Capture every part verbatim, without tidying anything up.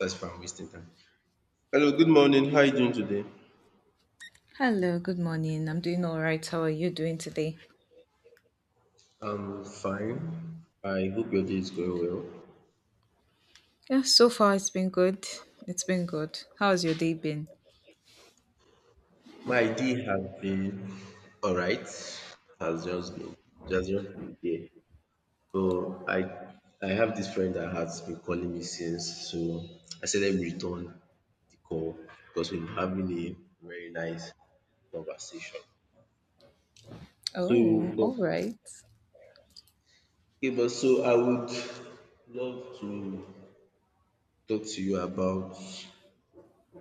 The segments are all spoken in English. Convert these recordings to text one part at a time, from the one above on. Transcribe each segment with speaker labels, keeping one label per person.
Speaker 1: First from wasting time. Hello, good morning. How are you doing today?
Speaker 2: Hello, good morning. I'm doing all right. How are you doing today?
Speaker 1: I'm fine. I hope your day is going well.
Speaker 2: Yeah, so far it's been good. It's been good. How's your day been?
Speaker 1: My day has been alright. Has just been just just been there. So I I have this friend that has been calling me since. So I said let me return the call because we've been having a very nice conversation. So
Speaker 2: Oh, all right.
Speaker 1: okay, but so I would love to talk to you about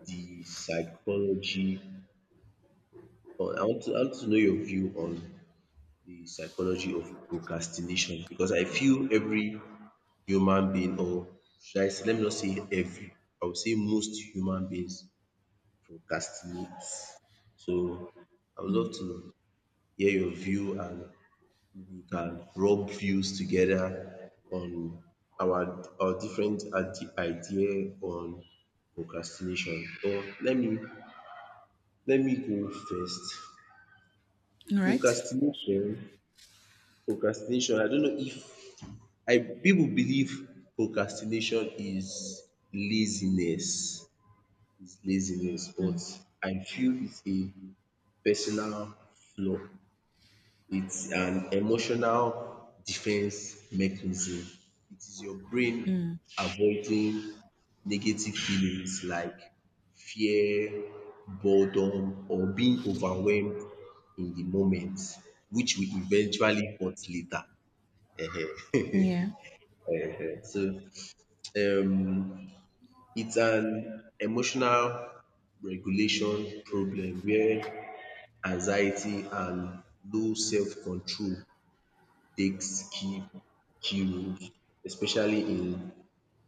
Speaker 1: the psychology, or I want to I want to know your view on the psychology of procrastination, because I feel every human being, or should I say, let me not say every, I would say most human beings procrastinate. So I would love to hear your view and we can rub views together on our our different ide- idea on procrastination. Or let me let me go first.
Speaker 2: All right.
Speaker 1: Procrastination procrastination I don't know if I people believe procrastination is laziness is laziness, but
Speaker 2: Mm.
Speaker 1: I feel it's a personal flaw, it's an emotional defense mechanism. It is your brain avoiding negative feelings like fear, boredom, or being overwhelmed in the moment, which we eventually hurt later.
Speaker 2: Yeah.
Speaker 1: Ehen. So, um, it's an emotional regulation problem where anxiety and low self-control takes key key roles, especially in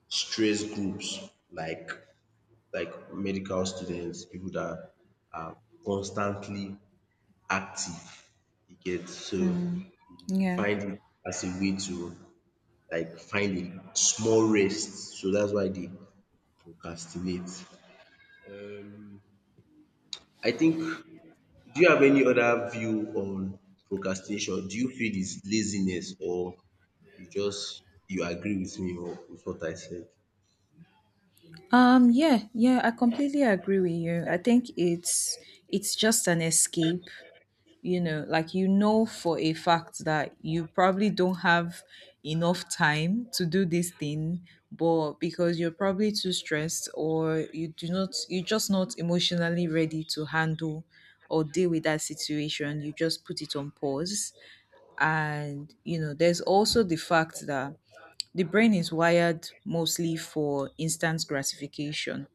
Speaker 1: stress groups like like medical students, people that are constantly active, you get. So
Speaker 2: Mm. Yeah.
Speaker 1: find it as a way to like find a small rest, so that's why they procrastinate. I think, do you have any other view on procrastination? Do you feel it's laziness, or you just, you agree with me or with what I said?
Speaker 2: Um yeah, yeah, I completely agree with you. I think it's it's just an escape. You know like you know for a fact that you probably don't have enough time to do this thing, but because you're probably too stressed, or you do not you're just not emotionally ready to handle or deal with that situation, you just put it on pause. And you know there's also the fact that the brain is wired mostly for instant gratification,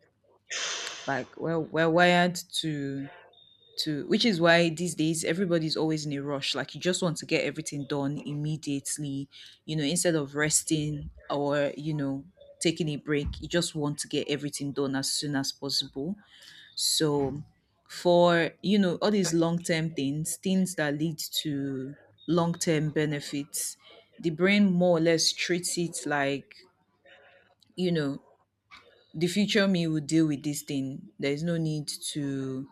Speaker 2: like we're, we're wired to to which is why these days everybody's always in a rush. Like you just want to get everything done immediately, you know instead of resting, or you know taking a break. You just want to get everything done as soon as possible. So for you know all these long-term things things that lead to long-term benefits, the brain more or less treats it like you know the future me will deal with this thing. There is no need to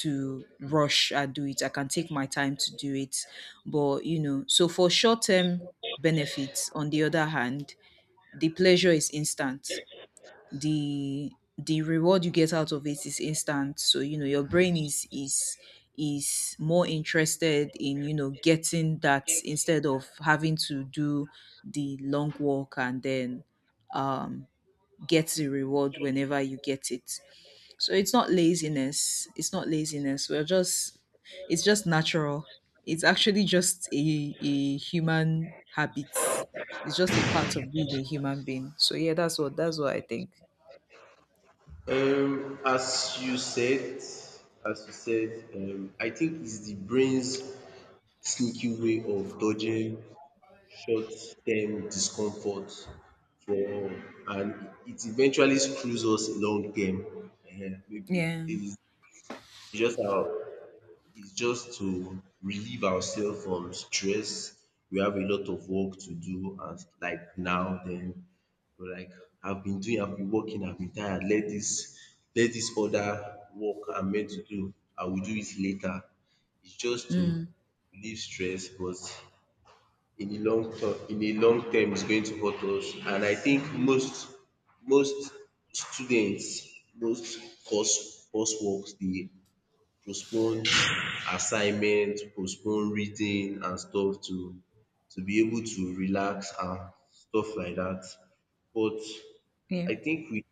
Speaker 2: to rush and do it. I can take my time to do it. But you know, so for short term benefits, on the other hand, the pleasure is instant. The the reward you get out of it is instant. So you know your brain is is is more interested in you know getting that instead of having to do the long walk, and then um get the reward whenever you get it. So it's not laziness. It's not laziness. We're just it's just natural. It's actually just a, a human habit. It's just a part of being a human being. So yeah, that's what that's what I think.
Speaker 1: Um, as you said, as you said, um, I think it's the brain's sneaky way of dodging short-term discomfort for, and it eventually screws us long-term. Ehen, maybe
Speaker 2: Yeah.
Speaker 1: it's it's just our, is just to relieve ourselves from stress. We have a lot of work to do, and like now then we're like, I've been doing, I've been working, I've been tired. Let this, let this other work I'm meant to do, I will do it later. It's just to
Speaker 2: Mm.
Speaker 1: relieve stress, but in the long term, in the long term, it's going to hurt us. And I think most most students, most course courseworks, they postpone assignment, postpone reading and stuff to to be able to relax and stuff like that. But
Speaker 2: Yeah.
Speaker 1: I think we,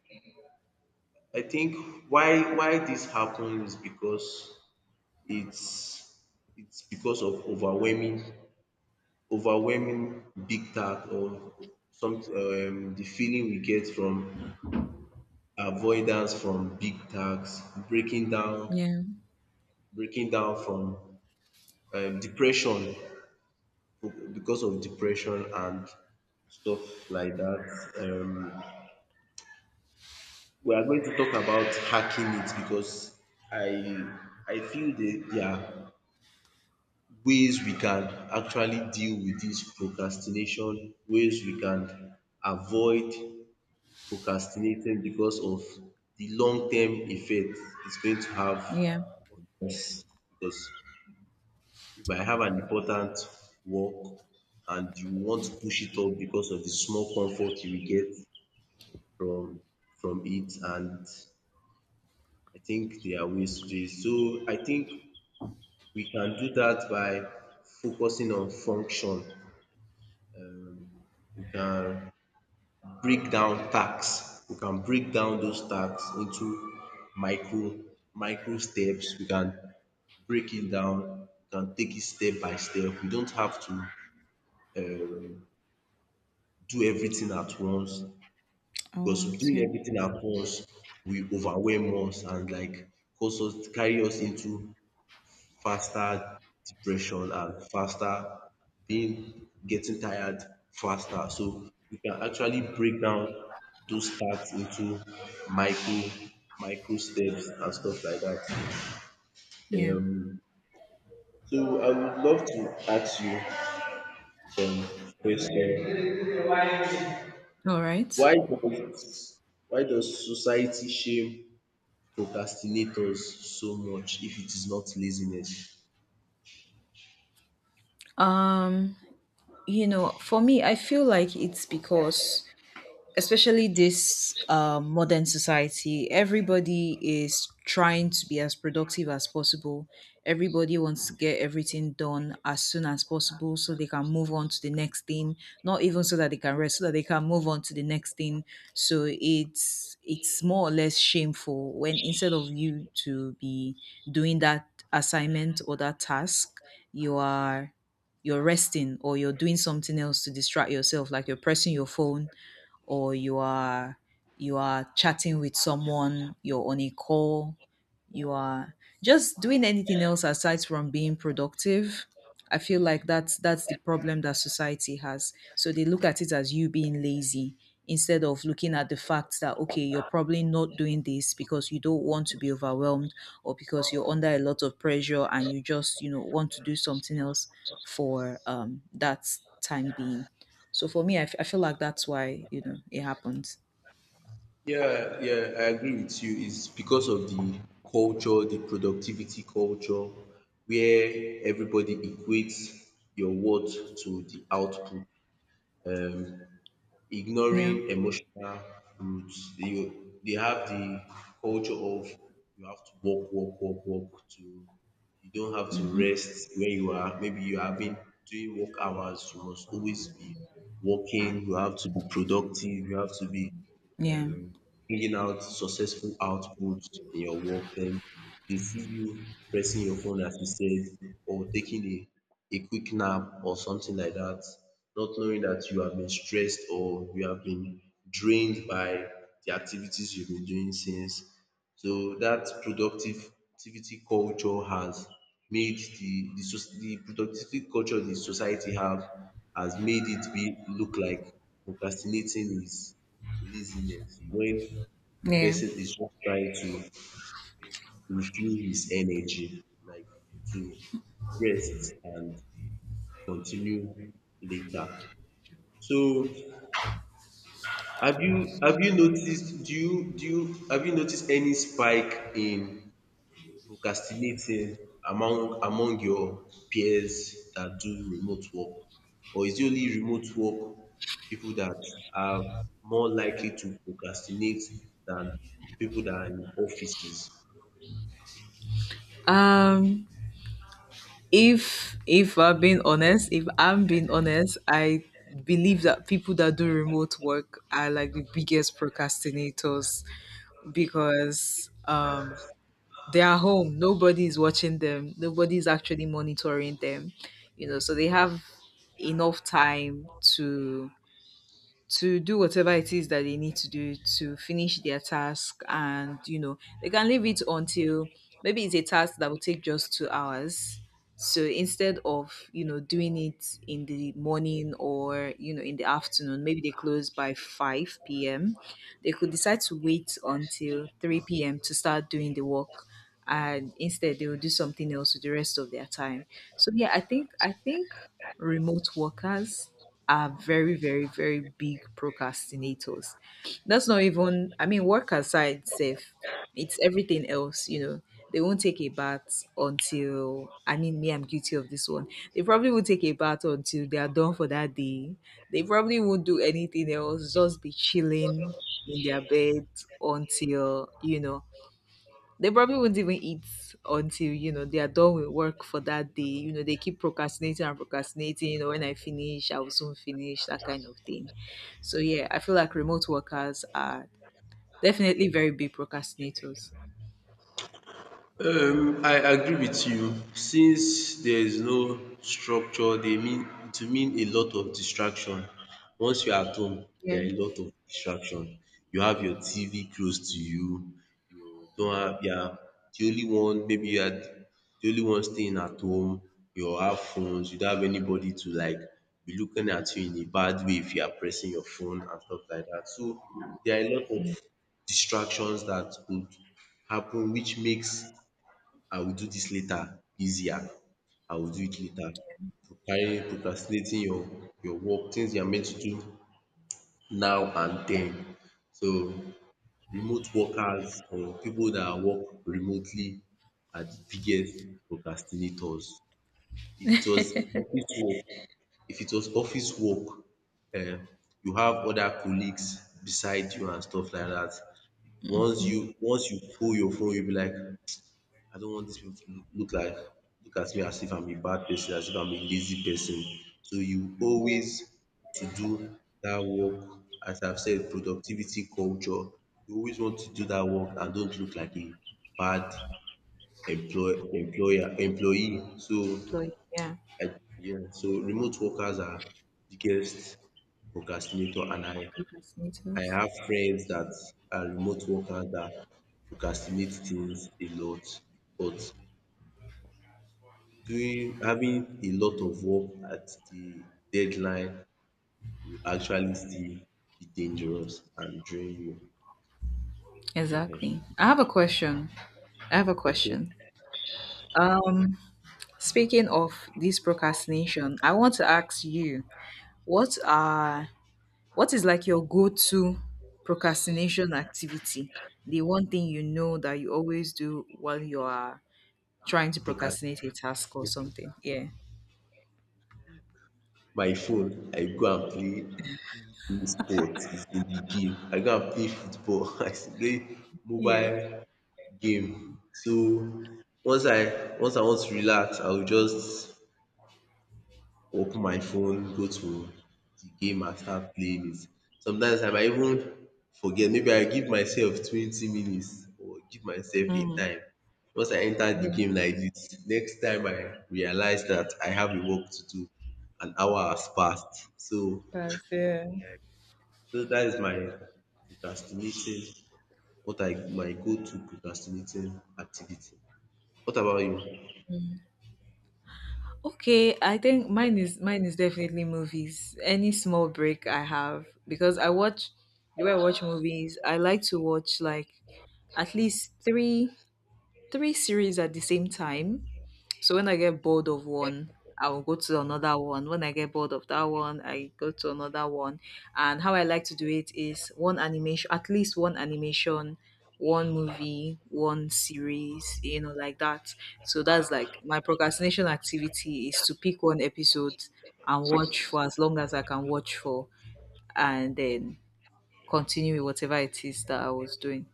Speaker 1: I think why why this happens is because it's it's because of overwhelming overwhelming big task, or some um the feeling we get from avoidance from big task, breaking down
Speaker 2: Yeah.
Speaker 1: breaking down from um depression, because of depression and stuff like that. Um, we are going to talk about hacking it because I I feel that there are ways we can actually deal with this procrastination, ways we can avoid procrastinating because of the long term effect it's going to have
Speaker 2: Yeah.
Speaker 1: on us. Because if I have an important work and you want to push it off because of the small comfort you will get from from it. And I think there are ways to do it. So I think we can do that by focusing on function. Um, we can break down tasks. We can break down those tasks into micro micro steps. We can break it down. We can take it step by step. We don't have to um do everything at once,
Speaker 2: I
Speaker 1: because
Speaker 2: was.
Speaker 1: doing
Speaker 2: Yeah.
Speaker 1: everything at once will overwhelm us and like cause us, carry us into faster depression and faster being getting tired faster. So we can actually break down those tasks into micro micro steps and stuff like that.
Speaker 2: Yeah.
Speaker 1: Um, so I would love to ask you some question.
Speaker 2: All right.
Speaker 1: Why does why does society shame procrastinators so much if it is not laziness?
Speaker 2: Um, you know, for me, I feel like it's because, especially this uh, modern society, everybody is trying to be as productive as possible. Everybody wants to get everything done as soon as possible so they can move on to the next thing, not even so that they can rest, so that they can move on to the next thing. So it's it's more or less shameful when, instead of you to be doing that assignment or that task, you are you're resting, or you're doing something else to distract yourself, like you're pressing your phone or you are you are chatting with someone, you're on a call, you are just doing anything else aside from being productive. I feel like that's that's the problem that society has. So they look at it as you being lazy instead of looking at the fact that, okay, you're probably not doing this because you don't want to be overwhelmed, or because you're under a lot of pressure and you just you know want to do something else for um that time being. So for me, I f- I feel like that's why you know it happens.
Speaker 1: Yeah, yeah, I agree with you. It's because of the culture, the productivity culture, where everybody equates your worth to the output. Um,
Speaker 2: Yeah.
Speaker 1: Ignoring emotional roots. They they have the culture of, you have to work, work, work, work to, you don't have to rest when you are, maybe you have been doing work hours, you must always be working, you have to be productive, you have to be
Speaker 2: Yeah.
Speaker 1: um bringing out successful outputs in your work. Then they see you pressing your phone as you said, or taking a a quick nap or something like that, not knowing that you have been stressed or you have been drained by the activities you've been doing since. So dat productivity culture has made the the soc- the productivity culture the society have has made it be look like procrastinating is laziness, when the
Speaker 2: Yeah.
Speaker 1: person is just trying to refuel his energy, like to rest and continue later. So have you have you noticed do you do you have you noticed any spike in procrastinating among among your peers that do remote work? Or is it only remote work people that are more likely to procrastinate than people that are in offices?
Speaker 2: Um if if I'm being honest, if I'm being honest, I believe that people that do remote work are like the biggest procrastinators, because um they are home. Nobody is watching them. Nobody is actually monitoring them. You know, so they have enough time to to do whatever it is that they need to do to finish their task, and you know they can leave it until maybe it's a task that will take just two hours. So, instead of you know doing it in the morning, or you know in the afternoon, maybe they close by five p m, they could decide to wait until three p m to start doing the work, and instead they will do something else with the rest of their time. So yeah, I think I think remote workers are very very very big procrastinators. That's not even, I mean, work aside safe. It's everything else, you know. They won't take a bath until, I mean, me I'm guilty of this one. They probably will take a bath until they are done for that day. They probably won't do anything else, just be chilling in their bed until you know they probably won't even eat until, you know, they are done with work for that day. You know, they keep procrastinating and procrastinating, you know, when I finish, I will soon finish, that kind of thing. So yeah, I feel like remote workers are definitely very big procrastinators.
Speaker 1: Um, I agree with you. Since there is no structure, they mean it will mean a lot of distraction. Once you're at home,
Speaker 2: Yeah,
Speaker 1: there are a lot of distraction. You have your T V close to you. You don't have, you are the only one, maybe you are the only one staying at home. You have phones. You don't have anybody to like be looking at you in a bad way if you are pressing your phone and stuff like that. So there are a lot of distractions that could happen, which makes I will do this later easier. I will do it later. To carry procrastinating your your work, things you are meant to do now and then. So remote workers or people that work remotely are the biggest procrastinators. If it was office work, if it was office work, um you have other colleagues beside you and stuff like that. Once you once you pull your phone, you will be like, I don't want dis people to look like look at me as if I'm a bad person, as if I'm a lazy person. So you
Speaker 2: yeah,
Speaker 1: always to do that work. As I've said, productivity culture. You always want to do that work and don't look like a bad employ employer employee. So
Speaker 2: employee, yeah,
Speaker 1: I, yeah, so remote workers are biggest procrastinator, and I I
Speaker 2: procrastinators.
Speaker 1: have friends that are remote workers that procrastinate things a lot, but doing, having a lot of work at the deadline will actually still be dangerous and drain you. Ehen.
Speaker 2: Exactly. I have a question. I have a
Speaker 1: Okay.
Speaker 2: question. Um, Speaking of this procrastination, I want to ask you, what are what is like your go to procrastination activity? The one thing you know that you always do while you are trying to
Speaker 1: Procras
Speaker 2: procrastinate a task or something. Yeah.
Speaker 1: my phone, I go and play play sport is in the game. I go and play football, I still play
Speaker 2: Yeah.
Speaker 1: mobile game. So once I once I want to relax, I will just open my phone, go to the game and start playing it. Sometimes I might even forget, maybe I give myself twenty minutes or give myself a
Speaker 2: Mm.
Speaker 1: time. Once I enter the
Speaker 2: Yeah.
Speaker 1: game like this, next time I realize that I have a work to do, an hour has passed. So,
Speaker 2: That's yeah.
Speaker 1: so that is my procrastinating, what I, my go to procrastinating activity. What about you?
Speaker 2: Okay, I think mine is mine is definitely movies. Any small break I have, because I watch the way I watch movies, I like to watch like at least three three series at the same time. So when I get bored of one, I will go to another one. When I get bored of that one, I go to another one. And how I like to do it is one animation, at least one animation, one movie, one series, you know, like that. So that's like my procrastination activity is to pick one episode and watch for as long as I can watch for, and then continue with whatever it is that I was doing.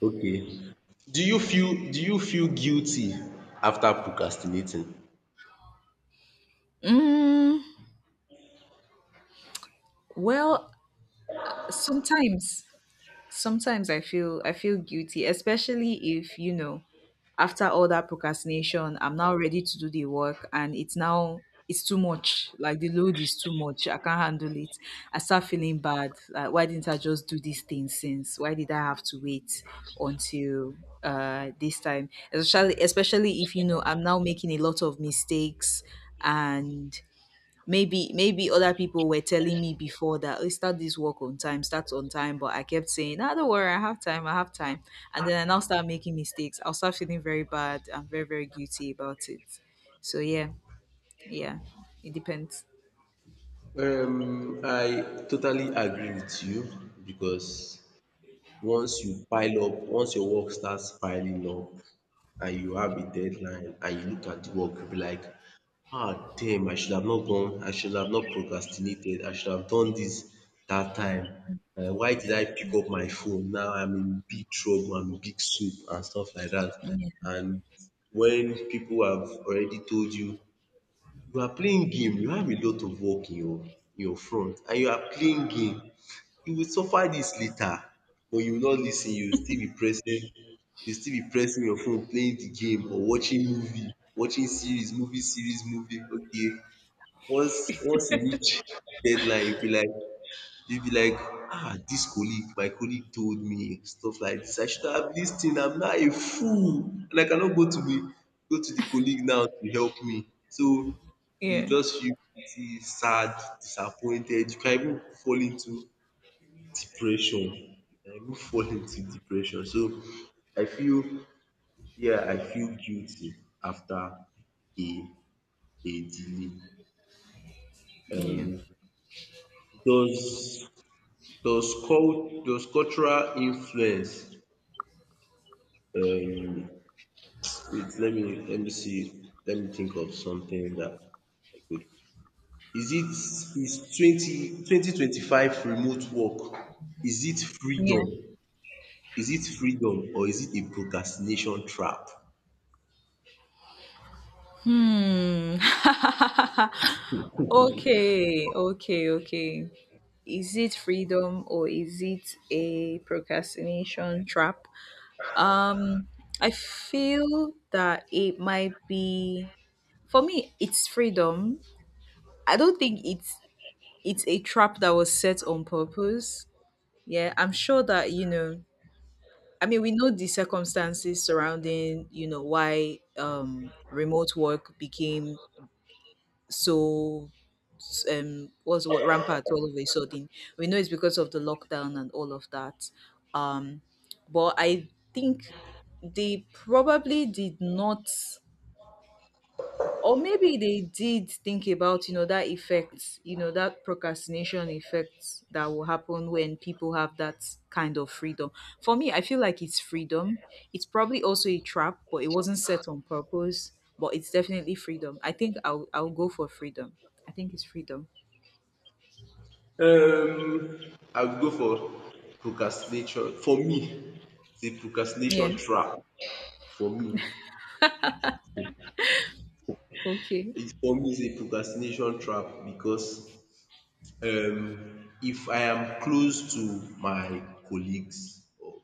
Speaker 1: Okay. Do you feel do you feel guilty after procrastinating?
Speaker 2: Mm, well, sometimes sometimes i feel i feel guilty, especially if you know after all that procrastination, I'm now ready to do the work and it's now it's too much, like the load is too much, I can't handle it. I start feeling bad, like, why didn't I just do this thing since, why did I have to wait until uh this time. Especially especially if you know I'm now making a lot of mistakes, and maybe maybe other people were telling me before that, oh, start this work on time, start on time, but I kept saying, ah, don't worry, I have time, I have time. And then I now start making mistakes. I'll start feeling very bad. I'm very very guilty about it. So yeah. Yeah. It depends.
Speaker 1: Um, I totally agree with you because once you pile up, once your work starts piling up, and you have a deadline and you look at the work, you'll be like, ah, damn, I should have not gone, I should have not procrastinated, I should have done this that time. Uh, why did I pick up my phone? Now I'm in big trouble, I'm in big soup and stuff like that. And when people have already told you, you are playing game, you have a lot of work in your, in your front and you are playing game. You will suffer this later, but you will not lis ten, you will still be pressing, you will still be pressing your phone playing the game, or watching movie, watching series, movie series, movie. Okay, once once you reach deadline, you be like, you be like, ah, this colleague, my colleague told me stuff like this. I should have lis ten, I'm not a fool, and I cannot go to the go to the colleague now to help me. So, you
Speaker 2: Yeah.
Speaker 1: just feel pity, sad, disappointed. You can even fall into depression. You can even fall into depression. So, I feel, yeah, I feel guilty after a a delay.
Speaker 2: Yeah.
Speaker 1: Um does does cult does cultural influence, um wait, let me let me see, let me think of something that I could, is it, is twenty twenty twenty five remote work, is it freedom,
Speaker 2: Yeah.
Speaker 1: is it freedom or is it a procrastination trap?
Speaker 2: Hmm. Okay. Okay. Okay. Is it freedom, or is it a procrastination trap? Um, I feel that it might be, for me, it's freedom. I don't think it's it's a trap that was set on purpose. Yeah, I'm sure that you know. I mean, we know the circumstances surrounding you know why um remote work became so um was what rampant all of a sudden. We know it's because of the lockdown and all of that. Um, but I think they probably did not, or maybe they did think about you know that effect, you know that procrastination effect that will happen when people have that kind of freedom. For me, I feel like it's freedom. It's probably also a trap, but it wasn't set on purpose. But it's definitely freedom. I think i'll, I'll go for freedom. I think it's freedom.
Speaker 1: Um I would go for procrastination. For me, it's a
Speaker 2: Yeah.
Speaker 1: procrastination trap for me.
Speaker 2: Okay,
Speaker 1: It For me, it's a procrastination trap because um if I am close to my colleagues or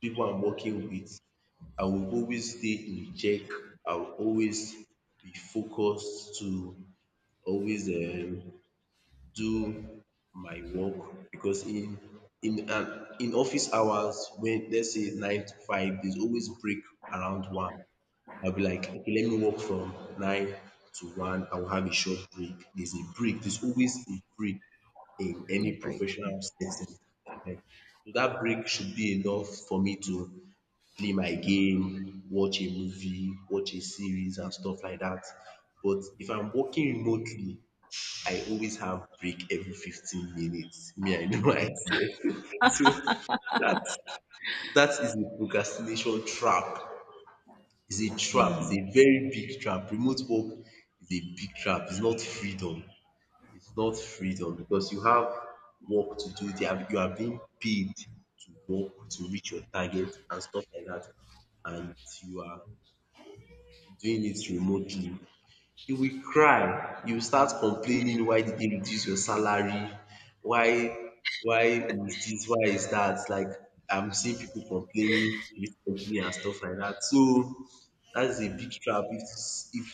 Speaker 1: people I'm working with, I will always stay in check, I will always be focused to always um do my work, because in in um in office hours, when, let's say, nine to five, there's always break around one. I'll be like, okay, let me work from nine to one. I will have a short break. There's a break. There's always a break in
Speaker 2: let me
Speaker 1: any
Speaker 2: break.
Speaker 1: professional setting. Ehen. So that break should be enough for me to play my game, watch a movie, watch a series and stuff like that. But if I'm working remotely, I always have break every fifteen minutes. Me, I know myself. So that that is a procrastination trap. It's a trap. It's a very big trap. Remote work is a big trap. It's not freedom. It's not freedom because you have work to do. They are, you are being paid to work, to reach your target and stuff like that, and you are doing it remotely. You will cry, you will start complaining, why did they reduce your salary? Why why is this? Why is that? Like, I'm seeing people complaining recently and stuff like that. So that's a big trap. if if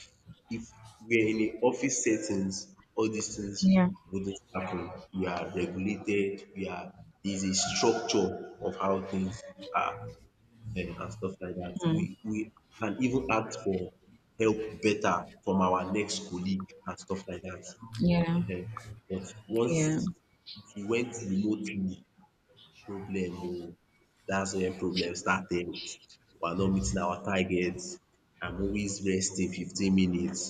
Speaker 1: if we're in a office settings, all these
Speaker 2: Yeah.
Speaker 1: things
Speaker 2: Yeah.
Speaker 1: wouldn't happen. We are regulated, we are there's a structure of how things are, eh, and stuff like that. We
Speaker 2: Hmm.
Speaker 1: we can even ask for help better from our next colleague and stuff like that.
Speaker 2: Yeah.
Speaker 1: Ehen. But once
Speaker 2: Yeah.
Speaker 1: if you went remotely, problem oh, that's when problem started. We are not meeting our targets. I'm always resting fifteen minutes.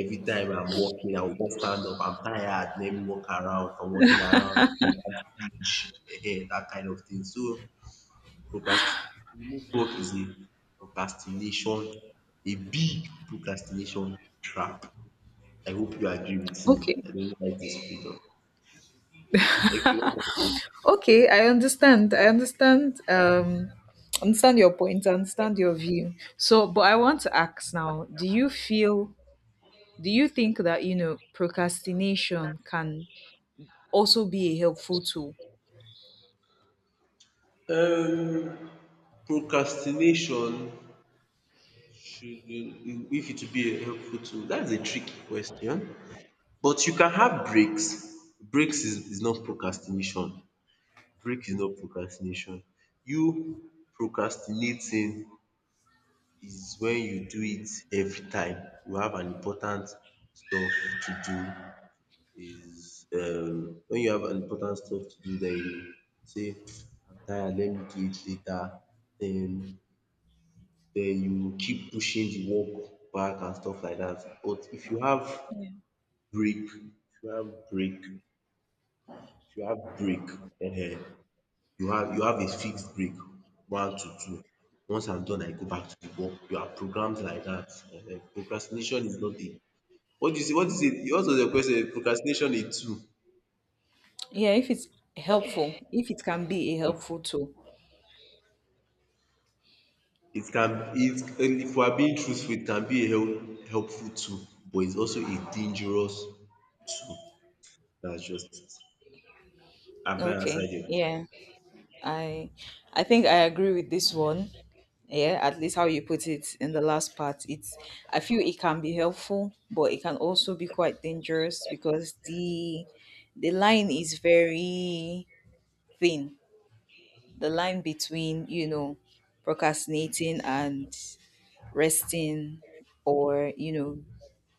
Speaker 1: Every time I'm walking, I will just stand up. I'm tired. Let me walk around. If I'm walking around, I want to reach. Ehen, that kind of thing. So, Procrast remote work is a procrastination, a big procrastination trap. I hope you agree with me.
Speaker 2: Okay.
Speaker 1: I don't like this freedom. Okay, one more thing.
Speaker 2: Okay, I understand. I understand. Um, understand your point. I understand your view. So, but I want to ask now: do you feel? Do you think that you know procrastination can also be a helpful tool?
Speaker 1: Um, procrastination should, if it will be a helpful tool, that's a tricky question. But you can have breaks. Breaks is, is not procrastination. Break is not procrastination. You procrastinating is when you do it every time you have an important stuff to do, is um when you have an important stuff to do. Then you say, I'm tired, let me do it later. Then then you keep pushing the work back and stuff like that. But if you have break if you have break if you have break, um you have you have a fixed break, one to two. Once I'm done, I go back to the work. You are programmed like dat. Um procrastination is not a... what do you say what is a what was your question? Procrastination, a tool?
Speaker 2: Yeah, if it's helpful, if it can be a helpful tool.
Speaker 1: It can. It If we are being truthful, it can be a help helpful tool. But it's also a dangerous tool. Dats just it. Have I
Speaker 2: Okay.
Speaker 1: answered your...
Speaker 2: Yeah. I I think I agree with this one. Yeah, at least how you put it in the last part. It's, I feel it can be helpful, but it can also be quite dangerous, because the the line is very thin. The line between, you know, procrastinating and resting, or you know,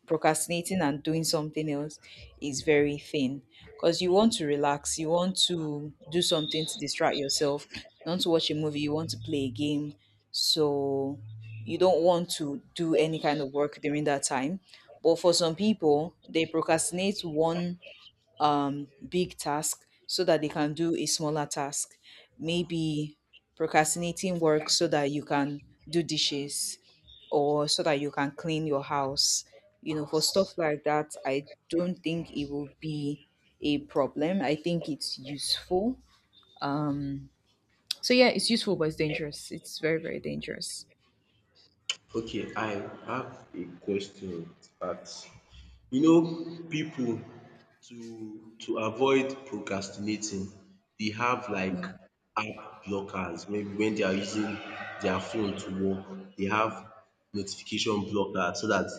Speaker 2: procrastinating and doing something else, is very thin, because you want to relax, you want to do something to distract yourself, you want to watch a movie, you want to play a game. So you don't want to do any kind of work during that time. But for some people, they procrastinate one um, big task so that they can do a smaller task. Maybe procrastinating work so that you can do dishes, or so that you can clean your house. You know, for stuff like that, I don't think it will be a problem. I think it's useful. Um, so yeah, it's useful, but it's dangerous. It's very, very dangerous.
Speaker 1: Okay, I have a question to... You know, people to to avoid procrastinating, they have,
Speaker 2: Yeah.
Speaker 1: like, app blockers. Maybe when they are using their phone to work, they have notification blocker so that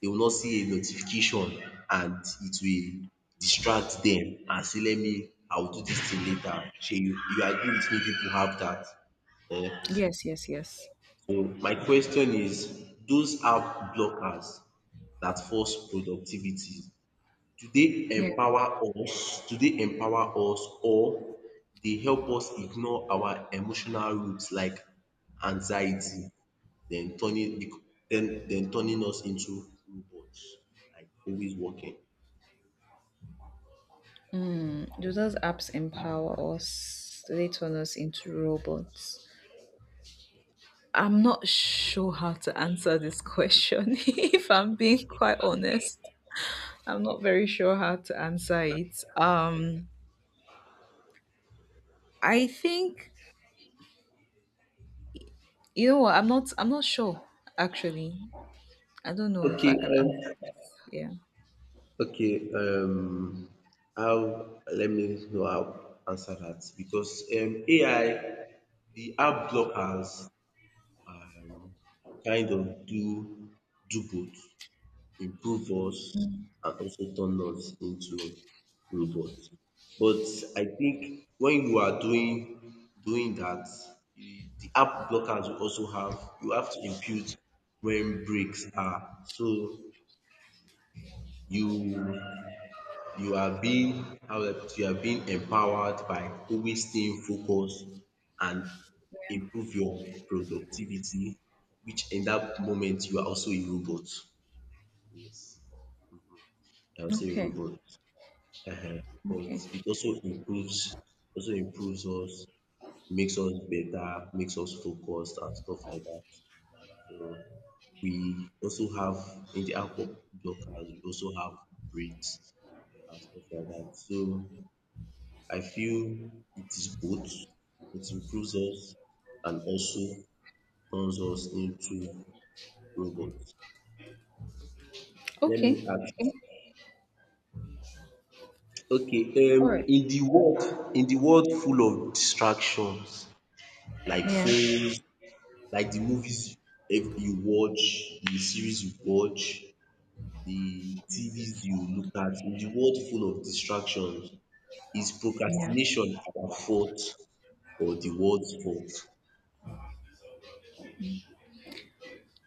Speaker 1: they will not see a notification and it will distract them and say, let me, I will do this thing later. Shey you you agree with me? People have that. Eh? So,
Speaker 2: Yes, yes, yes.
Speaker 1: Mm, my question is, those app blockers that force productivity, do they
Speaker 2: Yeah.
Speaker 1: empower us? Do they empower us, or they help us ignore our emotional roots like anxiety, then turning bec- then then turning us into robots, like always working?
Speaker 2: Mm, Do those apps empower us? Do they turn us into robots? I'm not sure how to answer this question. If I'm being quite honest, I'm not very sure how to answer it. Um, I think, you know what? I'm not. I'm not sure, actually. I don't know if
Speaker 1: Okay,
Speaker 2: I can
Speaker 1: um,
Speaker 2: answer this. Yeah.
Speaker 1: okay, um, I'll... let me know how to answer that, because um A I, the app blockers, um kind of do do both, improve us and also turn us into robots. But I think when you are doing doing that, you- the app blockers will also have... you have to impute when breaks are. So, you you are being... how do I put it? You are being empowered by always staying focused and
Speaker 2: Yeah.
Speaker 1: improve your productivity, which in that moment you are also a robot. Yes, you are also a
Speaker 2: Okay.
Speaker 1: robot. Ehen.
Speaker 2: Okay.
Speaker 1: But it also improves also improves us, makes us better, makes us focused and stuff like that. So we also have in the app of blockers, we also have breaks and stuff like that. So I feel it is both. It improves us and also turns us into robots. Let
Speaker 2: Okay.
Speaker 1: me ask...
Speaker 2: Okay.
Speaker 1: okay, um
Speaker 2: All right.
Speaker 1: in the world in the world full of distractions, like
Speaker 2: Yeah.
Speaker 1: phones, like the movies if you watch, the series you watch, the T Vs you look at, in the world full of distractions, is
Speaker 2: Yeah.
Speaker 1: procrastination our fault or the world's fault?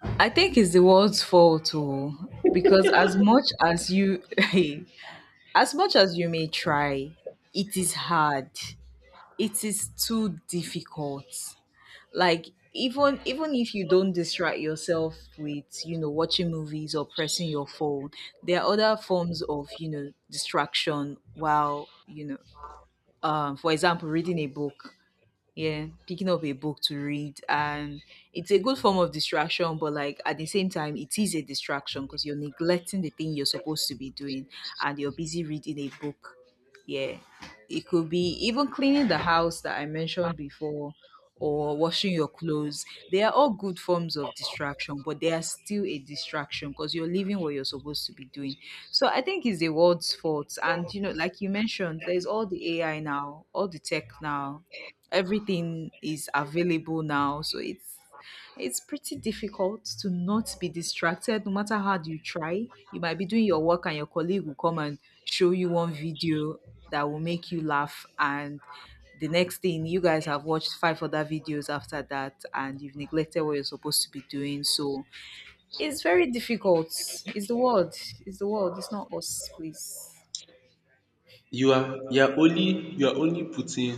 Speaker 2: I think it's the world's fault too, because as much as you, as much as you may try, it is hard. It is too difficult. Like even even if you don't distract yourself with you know watching movies or pressing your phone, there are other forms of you know distraction, while you know um, for example, reading a book. Yeah, picking up a book to read, and it's a good form of distraction, but like at the same time it is a distraction because you're neglecting the thing you're supposed to be doing, and you're busy reading a book. Yeah, it could be even cleaning the house that I mentioned before, or washing your clothes. They are all good forms of distraction, but they are still a distraction because you're leaving what you're supposed to be doing. So I think it's the world's fault. And you know like you mentioned, there's all the A I now, all the tech now, everything is available now, so it's it's pretty difficult to not be distracted no matter how you try. You might be doing your work and your colleague will come and show you one video that will make you laugh, and the next thing, you guys have watched five other videos after that, and you've neglected what you're supposed to be doing. So it's very difficult. It's the world. It's the world. It's not us, please.
Speaker 1: You are you are only you are only putting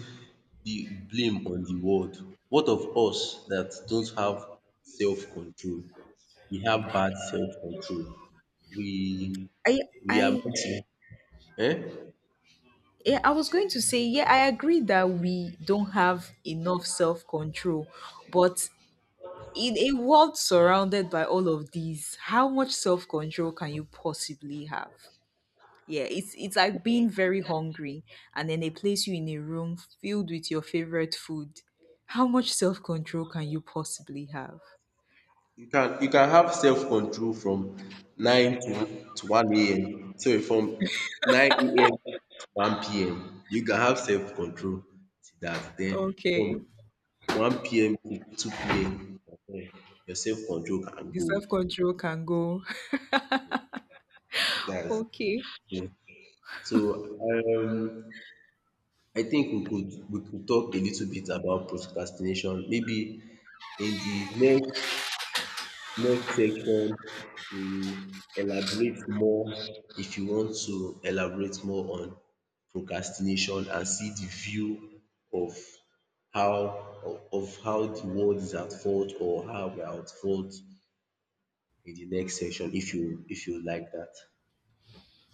Speaker 1: the blame on the world. What of us that don't have self control? We have bad self control. We
Speaker 2: I
Speaker 1: we are
Speaker 2: I
Speaker 1: missing. Eh?
Speaker 2: Yeah, I was going to say, yeah, I agree that we don't have enough self control, but in a world surrounded by all of these, how much self control can you possibly have? Yeah, it's it's like being very hungry, and then they place you in a room filled with your favorite food. How much self control can you possibly have?
Speaker 1: You can you can have self control from nine to to one a m. Sorry, from nine a m to one p m. You can have self control to that. Then from
Speaker 2: Okay,
Speaker 1: one p m to two p m, eh, your self control can
Speaker 2: the
Speaker 1: go.
Speaker 2: self control can go.
Speaker 1: That is
Speaker 2: Okay.
Speaker 1: true. So, um, I think we could we could talk a little bit about procrastination. Maybe in the next next section we elaborate more, if you want to elaborate more on procrastination, and see the view of how of how the world is at fault or how we are at fault in the next section, if you if you like that.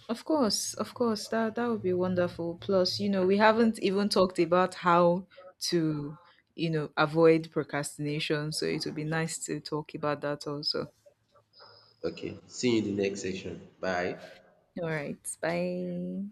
Speaker 2: Of course, of course, that that would be wonderful. Plus, you know, we haven't even talked about how to, you know, avoid procrastination. So it would be nice to talk about that also.
Speaker 1: Okay. See you in the next section. Bye.
Speaker 2: All right, bye.